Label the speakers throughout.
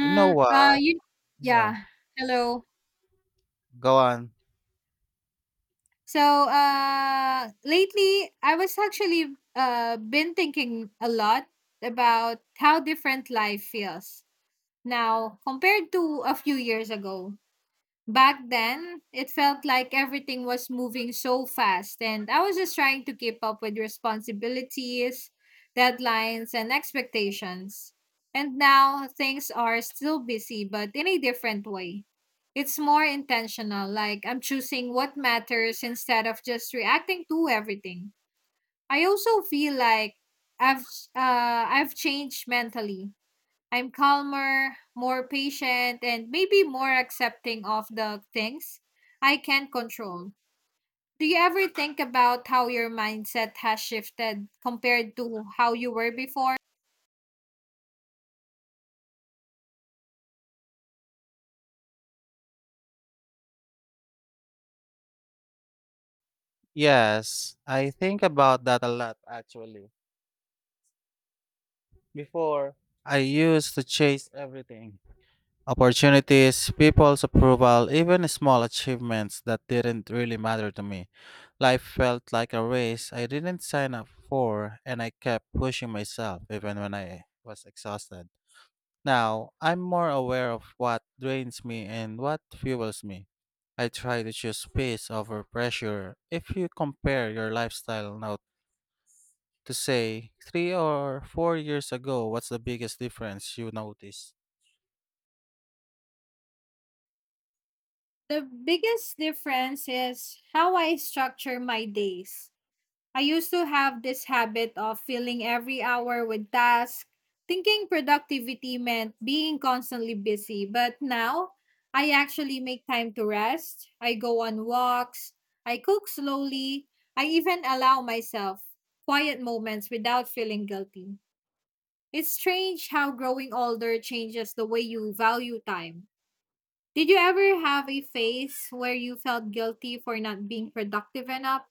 Speaker 1: You know what?
Speaker 2: you
Speaker 1: Yeah,
Speaker 2: yeah, hello.
Speaker 1: go on.
Speaker 2: So, lately I was actually been thinking a lot about how different life feels now compared to a few years ago. Back then, it felt like everything was moving so fast, and I was just trying to keep up with responsibilities, deadlines, and expectations. And now things are still busy, but in a different way. It's more intentional, like I'm choosing what matters instead of just reacting to everything. I also feel like I've I've changed mentally. I'm calmer, more patient, and maybe more accepting of the things I can control. Do you ever think about how your mindset has shifted compared to how you were before?
Speaker 1: Yes, I think about that a lot actually. Before, I used to chase everything opportunities, people's approval, even small achievements that didn't really matter to me. Life felt like a race I didn't sign up for, and I kept pushing myself even when I was exhausted. Now, I'm more aware of what drains me and what fuels me. I try to choose peace over pressure. If you compare your lifestyle now to say 3 or 4 years ago, what's the biggest difference you notice?
Speaker 2: The biggest difference is how I structure my days. I used to have this habit of filling every hour with tasks, thinking productivity meant being constantly busy. But now, I actually make time to rest. I go on walks. I cook slowly. I even allow myself quiet moments without feeling guilty. It's strange how growing older changes the way you value time. Did you ever have a phase where you felt guilty for not being productive enough?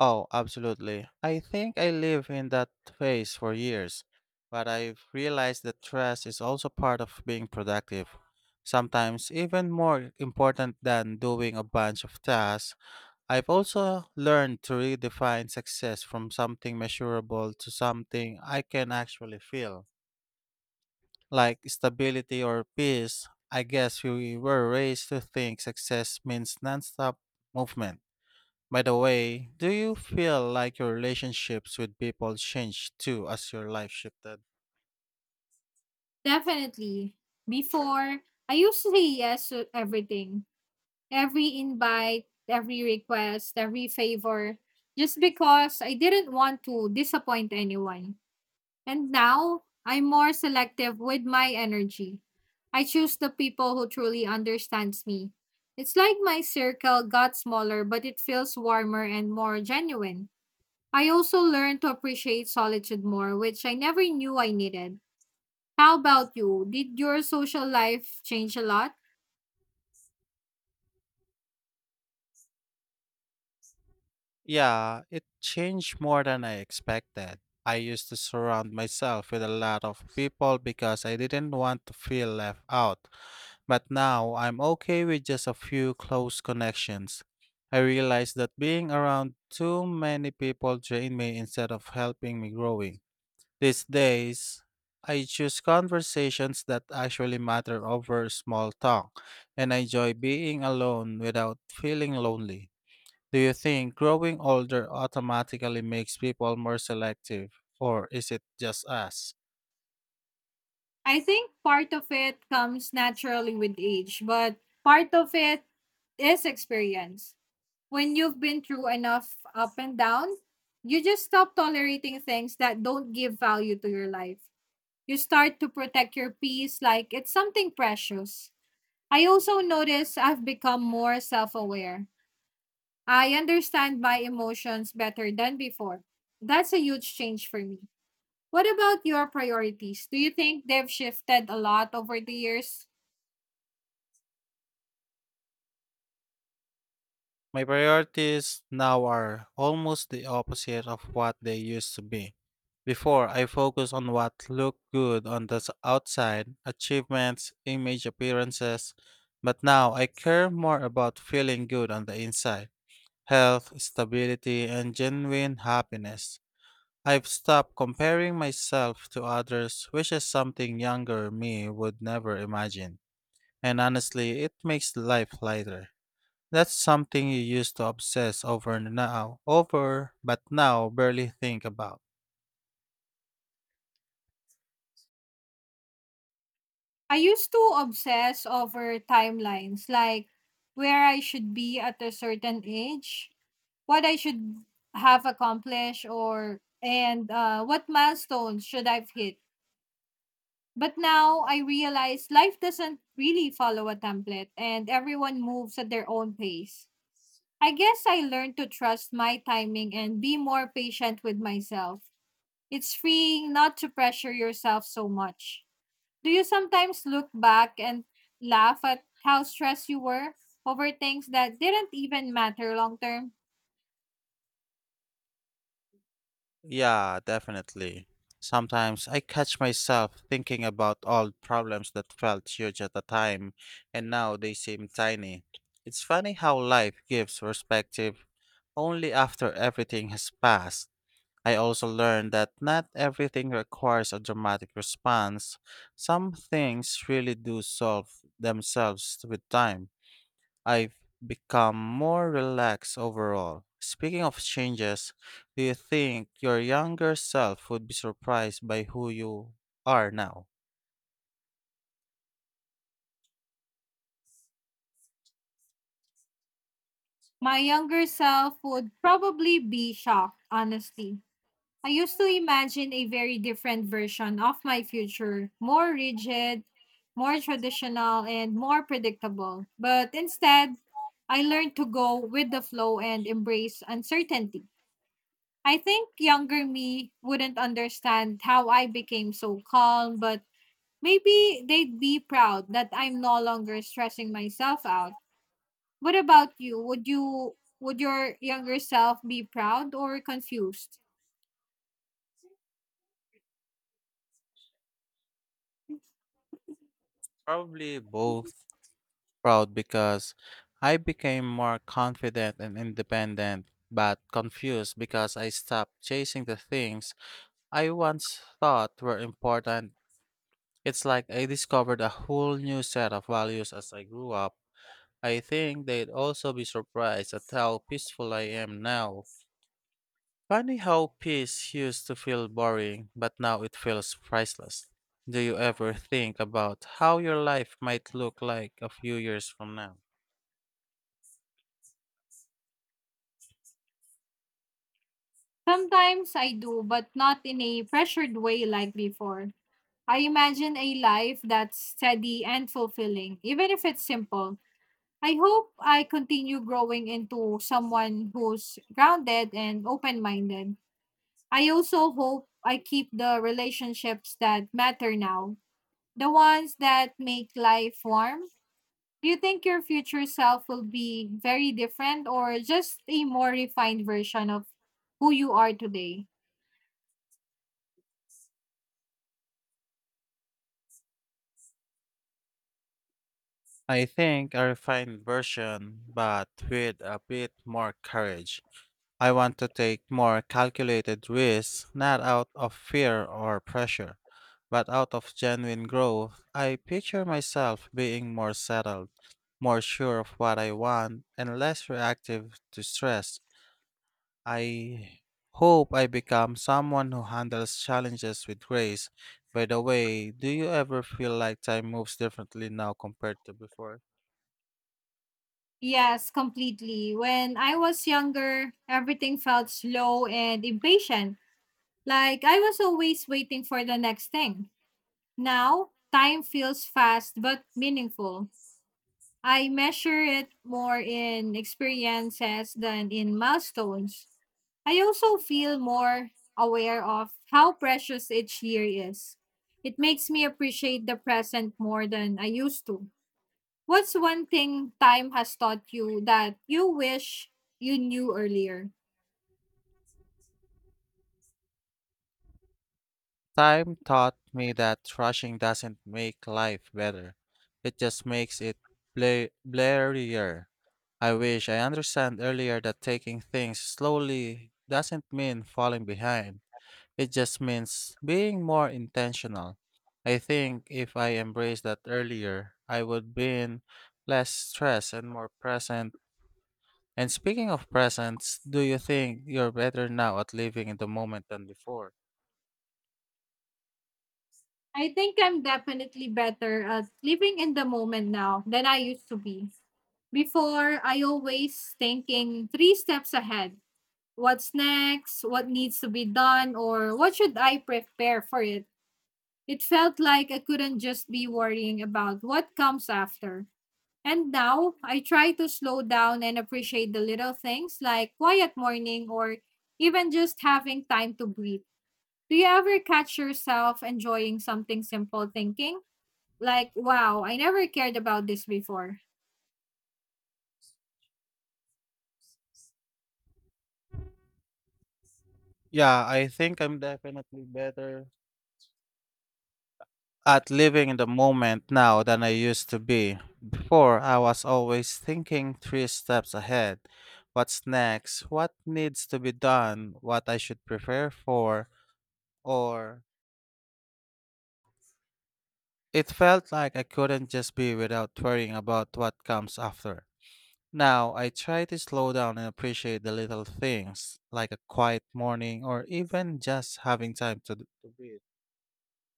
Speaker 1: Oh, absolutely. I think I live in that phase for years, but I've realized that stress is also part of being productive. Sometimes even more important than doing a bunch of tasks. I've also learned to redefine success from something measurable to something I can actually feel, like stability or peace. I guess we were raised to think success means nonstop movement. By the way, do you feel like your relationships with people changed too as your life shifted?
Speaker 2: Definitely. Before, I used to say yes to everything. Every invite, every request, every favor, just because I didn't want to disappoint anyone. And now, I'm more selective with my energy. I choose the people who truly understands me. It's like my circle got smaller, but it feels warmer and more genuine. I also learned to appreciate solitude more, which I never knew I needed. How about you? Did your social life change a lot?
Speaker 1: Yeah, it changed more than I expected. I used to surround myself with a lot of people because I didn't want to feel left out. But now I'm okay with just a few close connections. I realize that being around too many people drain me instead of helping me growing. These days, I choose conversations that actually matter over small talk, and I enjoy being alone without feeling lonely. Do you think growing older automatically makes people more selective, or is it just us?
Speaker 2: I think part of it comes naturally with age, but part of it is experience. When you've been through enough up and down, you just stop tolerating things that don't give value to your life. You start to protect your peace like it's something precious. I also notice I've become more self aware. I understand my emotions better than before. That's a huge change for me. What about your priorities? Do you think they've shifted a lot over the years?
Speaker 1: My priorities now are almost the opposite of what they used to be. Before, I focused on what looked good on the outside, achievements, image appearances, but now I care more about feeling good on the inside, health, stability, and genuine happiness. I've stopped comparing myself to others, which is something younger me would never imagine. And honestly, it makes life lighter. That's something you used to obsess over now, over, but now barely think about.
Speaker 2: I used to obsess over timelines, like where I should be at a certain age, what I should have accomplished, or and what milestones should I've hit. But now I realize life doesn't really follow a template, and everyone moves at their own pace. I guess I learned to trust my timing and be more patient with myself. It's freeing not to pressure yourself so much. Do you sometimes look back and laugh at how stressed you were over things that didn't even matter long term?
Speaker 1: Yeah, definitely. Sometimes I catch myself thinking about old problems that felt huge at the time and now they seem tiny. It's funny how life gives perspective only after everything has passed. I also learned that not everything requires a dramatic response. Some things really do solve themselves with time. I've become more relaxed overall. Speaking of changes, do you think your younger self would be surprised by who you are now?
Speaker 2: My younger self would probably be shocked, honestly. I used to imagine a very different version of my future, more rigid, more traditional, and more predictable. But instead, I learned to go with the flow and embrace uncertainty. I think younger me wouldn't understand how I became so calm, but maybe they'd be proud that I'm no longer stressing myself out. What about you? Would your younger self be proud or confused?
Speaker 1: Probably both. Proud because I became more confident and independent, but confused because I stopped chasing the things I once thought were important. It's like I discovered a whole new set of values as I grew up. I think they'd also be surprised at how peaceful I am now. Funny how peace used to feel boring, but now it feels priceless. Do you ever think about how your life might look like a few years from now?
Speaker 2: Sometimes I do, but not in a pressured way like before. I imagine a life that's steady and fulfilling, even if it's simple. I hope I continue growing into someone who's grounded and open minded. I also hope I keep the relationships that matter now, the ones that make life warm. Do you think your future self will be very different or just a more refined version of who you are today?
Speaker 1: I think a refined version, but with a bit more courage. I want to take more calculated risks, not out of fear or pressure, but out of genuine growth. I picture myself being more settled, more sure of what I want, and less reactive to stress. I hope I become someone who handles challenges with grace. By the way, do you ever feel like time moves differently now compared to before?
Speaker 2: Yes, completely. When I was younger, everything felt slow and impatient. Like I was always waiting for the next thing. Now, time feels fast but meaningful. I measure it more in experiences than in milestones. I also feel more aware of how precious each year is. It makes me appreciate the present more than I used to. What's one thing time has taught you that you wish you knew earlier?
Speaker 1: Time taught me that rushing doesn't make life better. It just makes it blurrier. I wish I understand earlier that taking things slowly doesn't mean falling behind. It just means being more intentional. I think if I embraced that earlier, I would been less stressed and more present. And speaking of presence, do you think you're better now at living in the moment than before?
Speaker 2: I think I'm definitely better at living in the moment now than I used to be. Before, I always thinking three steps ahead. What's next, what needs to be done, or what should I prepare for it. It felt like I couldn't just be worrying about what comes after. And now I try to slow down and appreciate the little things like quiet morning or even just having time to breathe. Do you ever catch yourself enjoying something simple thinking? Like, wow, I never cared about this before.
Speaker 1: Yeah, I think I'm definitely better at living in the moment now than I used to be. Before, I was always thinking three steps ahead. What's next? What needs to be done? What I should prepare for? Or it felt like I couldn't just be without worrying about what comes after. Now, I try to slow down and appreciate the little things, like a quiet morning or even just having time to breathe.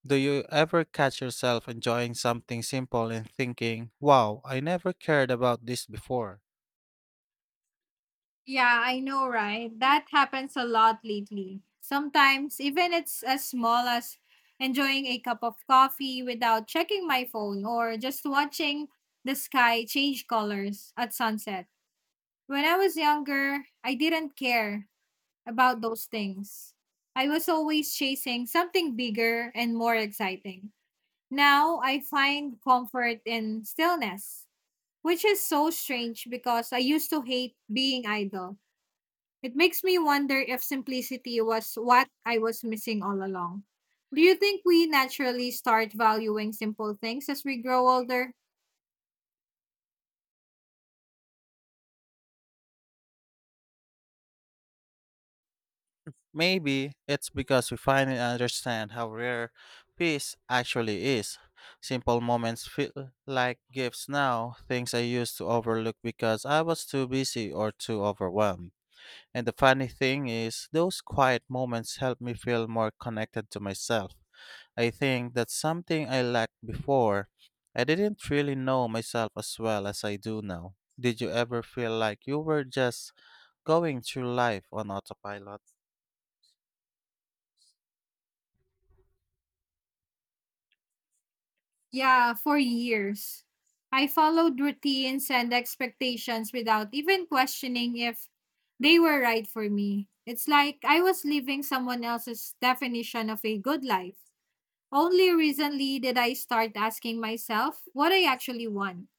Speaker 1: Do you ever catch yourself enjoying something simple and thinking, wow, I never cared about this before?
Speaker 2: Yeah, I know, right? That happens a lot lately. Sometimes, even it's as small as enjoying a cup of coffee without checking my phone or just watching the sky change colors at sunset. When I was younger, I didn't care about those things. I was always chasing something bigger and more exciting. Now I find comfort in stillness, which is so strange because I used to hate being idle. It makes me wonder if simplicity was what I was missing all along. Do you think we naturally start valuing simple things as we grow older?
Speaker 1: Maybe it's because we finally understand how rare peace actually is. Simple moments feel like gifts now, things I used to overlook because I was too busy or too overwhelmed. And the funny thing is, those quiet moments help me feel more connected to myself. I think that's something I lacked before. I didn't really know myself as well as I do now. Did you ever feel like you were just going through life on autopilot?
Speaker 2: Yeah, for years. I followed routines and expectations without even questioning if they were right for me. It's like I was living someone else's definition of a good life. Only recently did I start asking myself what I actually want,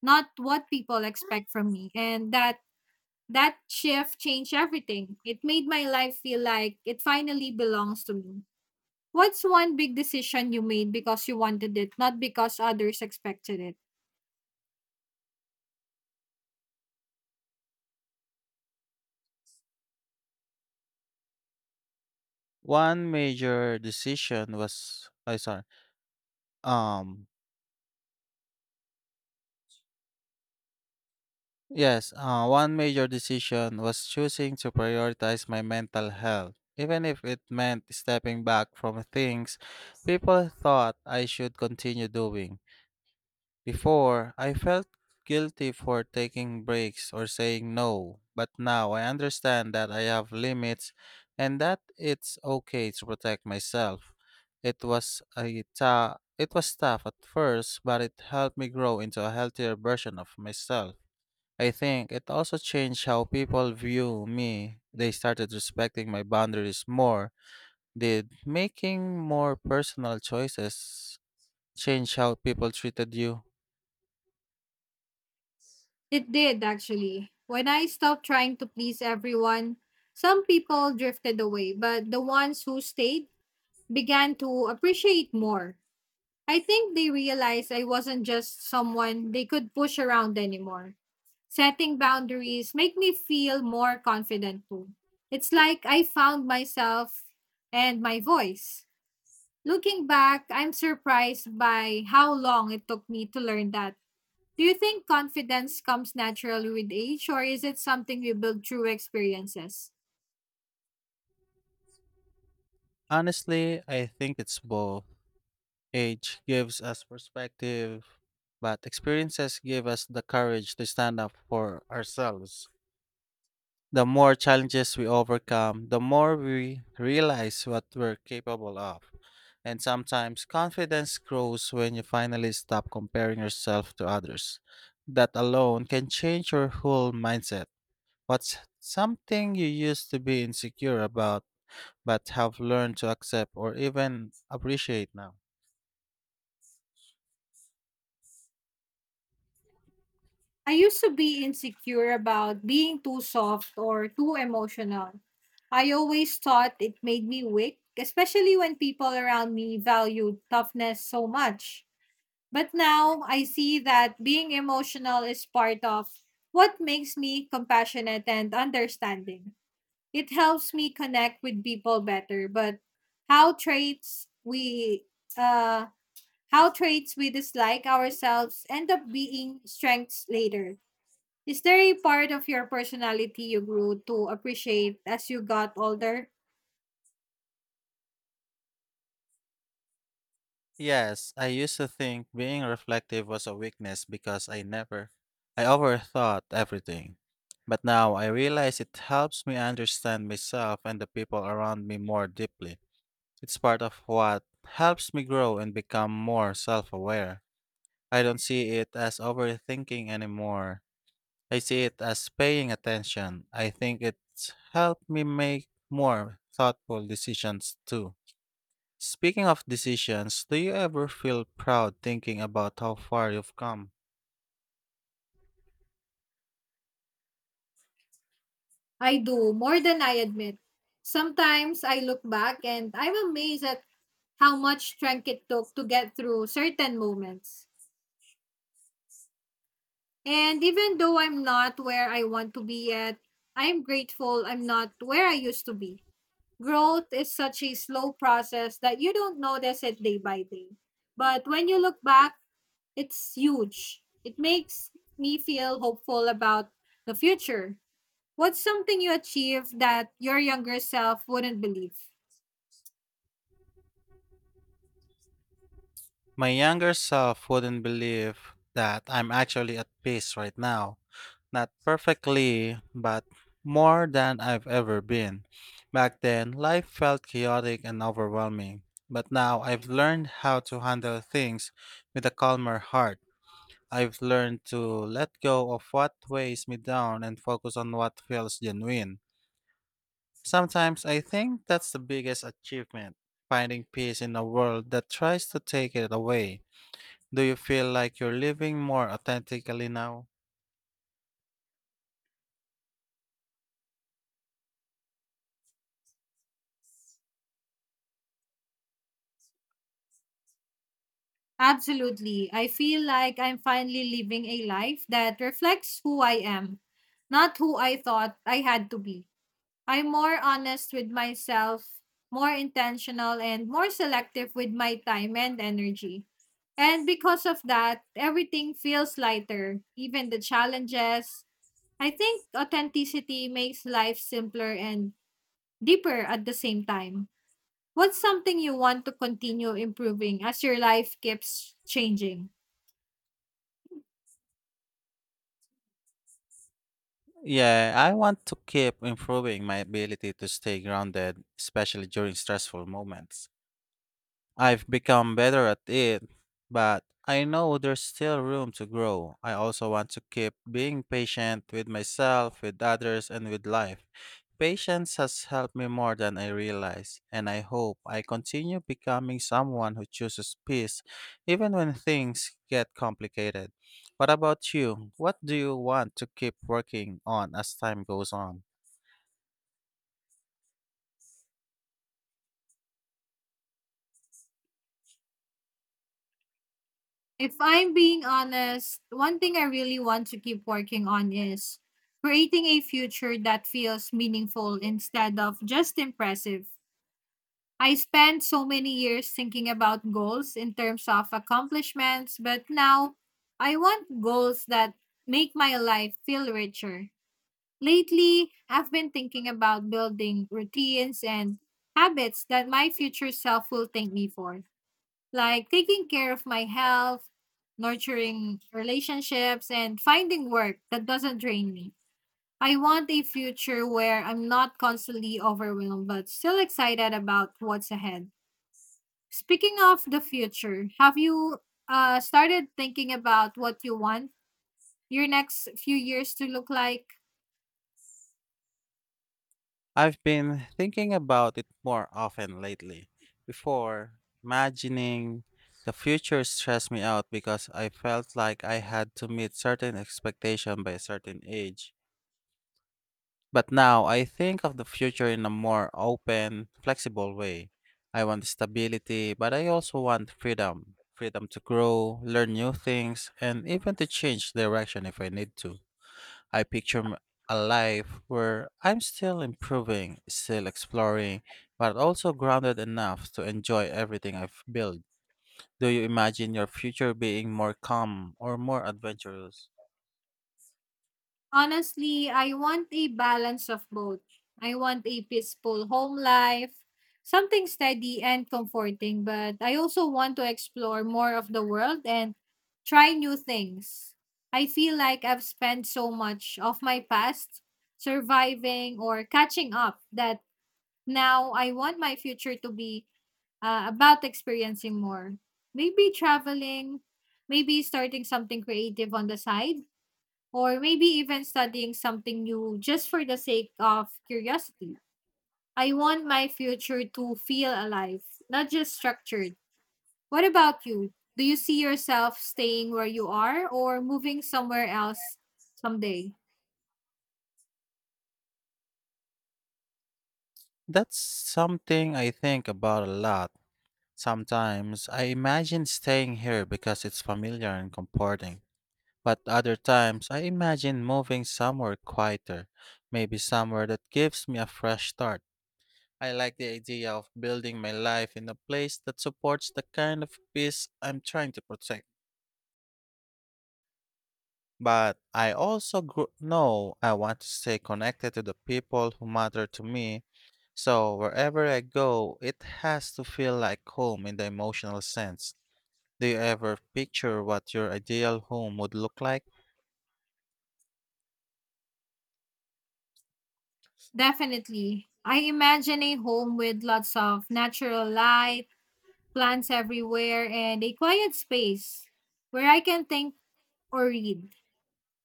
Speaker 2: not what people expect from me. And that shift changed everything. It made my life feel like it finally belongs to me. What's one big decision you made because you wanted it, not because others expected it?
Speaker 1: One major decision was I sorry. Um yes, one major decision was choosing to prioritize my mental health. Even if it meant stepping back from things people thought I should continue doing. Before, I felt guilty for taking breaks or saying no, but now I understand that I have limits and that it's okay to protect myself. It was tough at first, but it helped me grow into a healthier version of myself. I think it also changed how people view me. They started respecting my boundaries more. Did making more personal choices change how people treated you?
Speaker 2: It did, actually. When I stopped trying to please everyone, some people drifted away, but the ones who stayed began to appreciate more. I think they realized I wasn't just someone they could push around anymore. Setting boundaries make me feel more confident too. It's like I found myself and my voice. Looking back, I'm surprised by how long it took me to learn that. Do you think confidence comes naturally with age, or is it something we build through experiences?
Speaker 1: Honestly, I think it's both. Age gives us perspective, but experiences give us the courage to stand up for ourselves. The more challenges we overcome, the more we realize what we're capable of. And sometimes confidence grows when you finally stop comparing yourself to others. That alone can change your whole mindset. What's something you used to be insecure about but have learned to accept or even appreciate now?
Speaker 2: I used to be insecure about being too soft or too emotional. I always thought it made me weak, especially when people around me valued toughness so much. But now I see that being emotional is part of what makes me compassionate and understanding. It helps me connect with people better, but how traits we uh how traits we dislike ourselves end up being strengths later. Is there a part of your personality you grew to appreciate as you got older?
Speaker 1: Yes, I used to think being reflective was a weakness because I never, I overthought everything. But now I realize it helps me understand myself and the people around me more deeply. It's part of what helps me grow and become more self aware. I don't see it as overthinking anymore. I see it as paying attention. I think it's helped me make more thoughtful decisions too. Speaking of decisions, do you ever feel proud thinking about how far you've come?
Speaker 2: I do, more than I admit. Sometimes I look back and I'm amazed at how much strength it took to get through certain moments. And even though I'm not where I want to be yet, I'm grateful I'm not where I used to be. Growth is such a slow process that you don't notice it day by day. But when you look back, it's huge. It makes me feel hopeful about the future. What's something you achieved that your younger self wouldn't believe?
Speaker 1: My younger self wouldn't believe that I'm actually at peace right now. Not perfectly, but more than I've ever been. Back then, life felt chaotic and overwhelming, but now I've learned how to handle things with a calmer heart. I've learned to let go of what weighs me down and focus on what feels genuine. Sometimes I think that's the biggest achievement, finding peace in a world that tries to take it away. Do you feel like you're living more authentically now?
Speaker 2: Absolutely. I feel like I'm finally living a life that reflects who I am, not who I thought I had to be. I'm more honest with myself, more intentional, and more selective with my time and energy. And because of that, everything feels lighter, even the challenges. I think authenticity makes life simpler and deeper at the same time. What's something you want to continue improving as your life keeps changing?
Speaker 1: Yeah, I want to keep improving my ability to stay grounded, especially during stressful moments. I've become better at it, but I know there's still room to grow. I also want to keep being patient with myself, with others, and with life. Patience has helped me more than I realize, and I hope I continue becoming someone who chooses peace even when things get complicated. What about you? What do you want to keep working on as time goes on?
Speaker 2: If I'm being honest, one thing I really want to keep working on is creating a future that feels meaningful instead of just impressive. I spent so many years thinking about goals in terms of accomplishments, but now I want goals that make my life feel richer. Lately, I've been thinking about building routines and habits that my future self will thank me for, like taking care of my health, nurturing relationships, and finding work that doesn't drain me. I want a future where I'm not constantly overwhelmed, but still excited about what's ahead. Speaking of the future, have you started thinking about what you want your next few years to look like?
Speaker 1: I've been thinking about it more often lately. Before, imagining the future stressed me out because I felt like I had to meet certain expectation by a certain age. But now I think of the future in a more open, flexible way. I want stability, but I also want freedom. Freedom to grow, learn new things, and even to change direction if I need to. I picture a life where I'm still improving, still exploring, but also grounded enough to enjoy everything I've built. Do you imagine your future being more calm or more adventurous?
Speaker 2: Honestly, I want a balance of both. I want a peaceful home life, something steady and comforting, but I also want to explore more of the world and try new things. I feel like I've spent so much of my past surviving or catching up that now I want my future to be about experiencing more. Maybe traveling, maybe starting something creative on the side or maybe even studying something new just for the sake of curiosity. I want my future to feel alive, not just structured. What about you? Do you see yourself staying where you are or moving somewhere else someday?
Speaker 1: That's something I think about a lot. Sometimes I imagine staying here because it's familiar and comforting, but other times I imagine moving somewhere quieter, maybe somewhere that gives me a fresh start. I like the idea of building my life in a place that supports the kind of peace I'm trying to protect. But I also know I want to stay connected to the people who matter to me. So wherever I go, it has to feel like home in the emotional sense. Do you ever picture what your ideal home would look like?
Speaker 2: Definitely. I imagine a home with lots of natural light, plants everywhere, and a quiet space where I can think or read.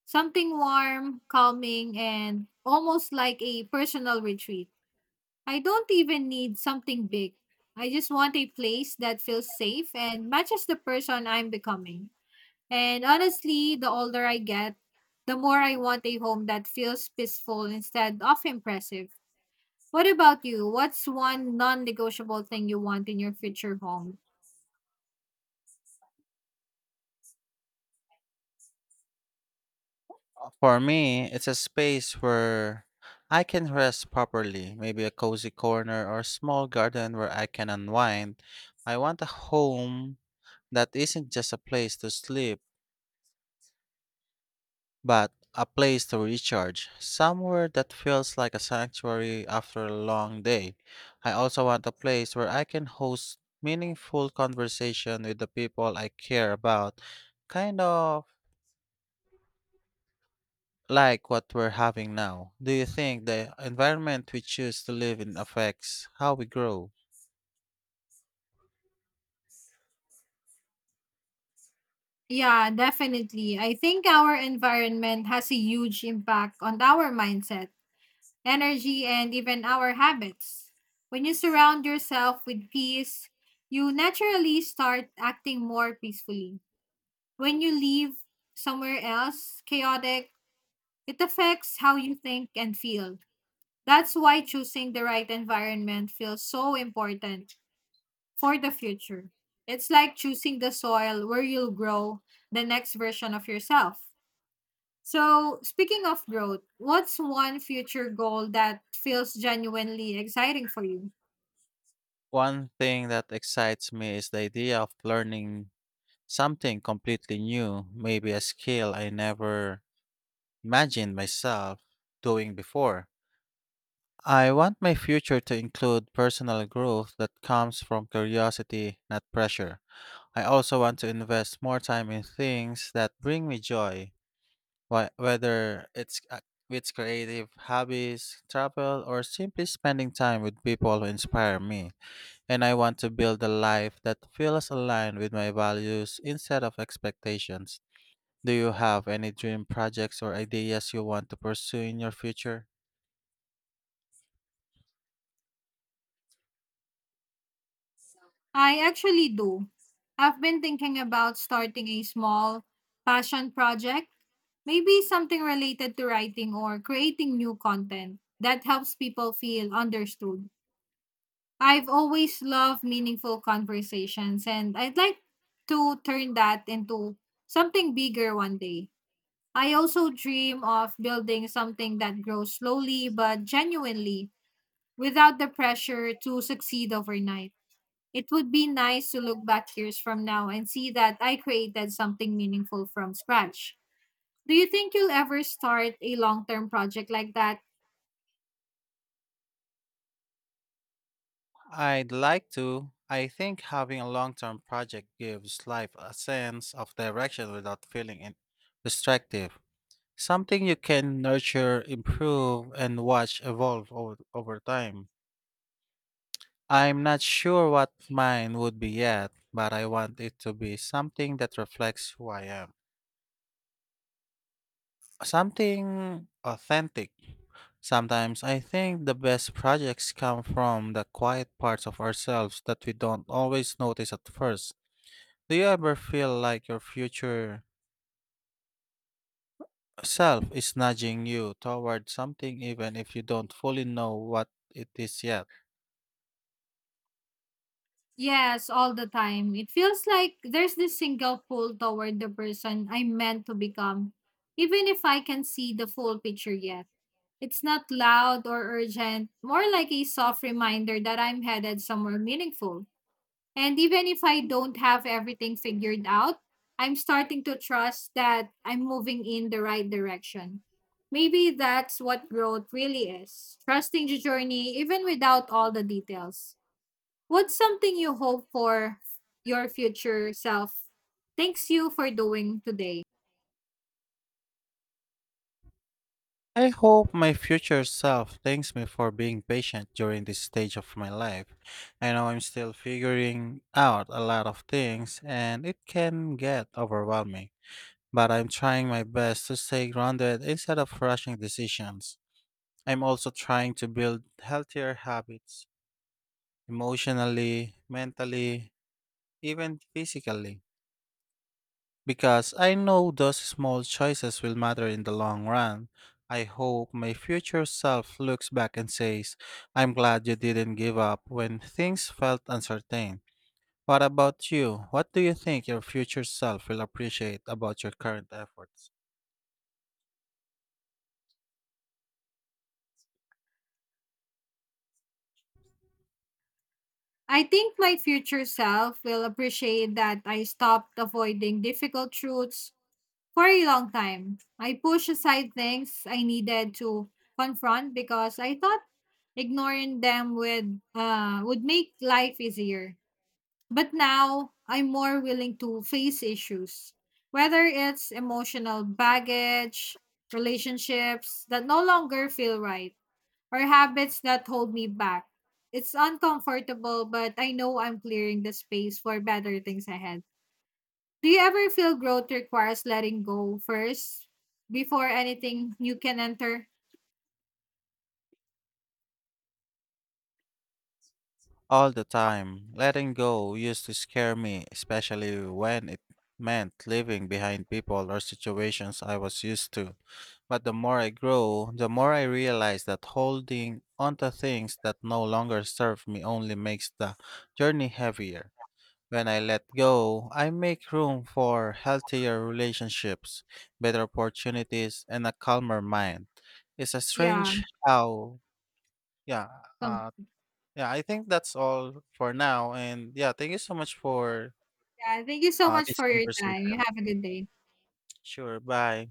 Speaker 2: Something warm, calming, and almost like a personal retreat. I don't even need something big. I just want a place that feels safe and matches the person I'm becoming. And honestly, the older I get, the more I want a home that feels peaceful instead of impressive. What about you? What's one non negotiable thing you want in your future home?
Speaker 1: For me, it's a space where I can rest properly, maybe a cozy corner or small garden where I can unwind. I want a home that isn't just a place to sleep, but a place to recharge, somewhere that feels like a sanctuary after a long day. I also want a place where I can host meaningful conversation with the people I care about, kind of like what we're having now. Do you think the environment we choose to live in affects how we grow?
Speaker 2: Yeah, definitely. I think our environment has a huge impact on our mindset, energy, and even our habits. When you surround yourself with peace, you naturally start acting more peacefully. When you leave somewhere else chaotic, it affects how you think and feel. That's why choosing the right environment feels so important for the future. It's like choosing the soil where you'll grow the next version of yourself. So, speaking of growth, what's one future goal that feels genuinely exciting for you?
Speaker 1: One thing that excites me is the idea of learning something completely new, maybe a skill I never imagined myself doing before. I want my future to include personal growth that comes from curiosity, not pressure. I also want to invest more time in things that bring me joy, whether it's creative hobbies, travel, or simply spending time with people who inspire me. And I want to build a life that feels aligned with my values instead of expectations. Do you have any dream projects or ideas you want to pursue in your future?
Speaker 2: I actually do. I've been thinking about starting a small passion project, maybe something related to writing or creating new content that helps people feel understood. I've always loved meaningful conversations, and I'd like to turn that into something bigger one day. I also dream of building something that grows slowly but genuinely without the pressure to succeed overnight. It would be nice to look back years from now and see that I created something meaningful from scratch. Do you think you'll ever start a long term project like that?
Speaker 1: I'd like to. I think having a long term project gives life a sense of direction without feeling restrictive. Something you can nurture, improve, and watch evolve over time. I'm not sure what mine would be yet, but I want it to be something that reflects who I am. Something authentic. Sometimes I think the best projects come from the quiet parts of ourselves that we don't always notice at first. Do you ever feel like your future self is nudging you toward something even if you don't fully know what it is yet?
Speaker 2: Yes, all the time. It feels like there's this single pull toward the person I'm meant to become, even if I can see the full picture yet. It's not loud or urgent, more like a soft reminder that I'm headed somewhere meaningful. And even if I don't have everything figured out, I'm starting to trust that I'm moving in the right direction. Maybe that's what growth really is trusting the journey even without all the details. What's something you hope for your future self? Thanks you for doing today.
Speaker 1: I hope my future self thanks me for being patient during this stage of my life. I know I'm still figuring out a lot of things and it can get overwhelming, but I'm trying my best to stay grounded instead of rushing decisions. I'm also trying to build healthier habits emotionally, mentally, even physically. Because I know those small choices will matter in the long run. I hope my future self looks back and says, I'm glad you didn't give up when things felt uncertain. What about you? What do you think your future self will appreciate about your current efforts?
Speaker 2: I think my future self will appreciate that I stopped avoiding difficult truths for a long time. I pushed aside things I needed to confront because I thought ignoring them would make life easier. But now I'm more willing to face issues, whether it's emotional baggage, relationships that no longer feel right or habits that hold me back. It's uncomfortable, but I know I'm clearing the space for better things ahead. Do you ever feel growth requires letting go first before anything you can enter?
Speaker 1: All the time. Letting go used to scare me, especially when it meant leaving behind people or situations I was used to. But the more I grow, the more I realize that holding onto things that no longer serve me only makes the journey heavier. When I let go, I make room for healthier relationships, better opportunities, and a calmer mind. It's a
Speaker 2: Yeah.
Speaker 1: strange how, Yeah,
Speaker 2: So,
Speaker 1: uh, yeah, I think that's all for now. And yeah, thank you so much for
Speaker 2: yeah. Thank you so much
Speaker 1: this
Speaker 2: for your time. You
Speaker 1: conversation.
Speaker 2: have a good day.
Speaker 1: Sure. Bye.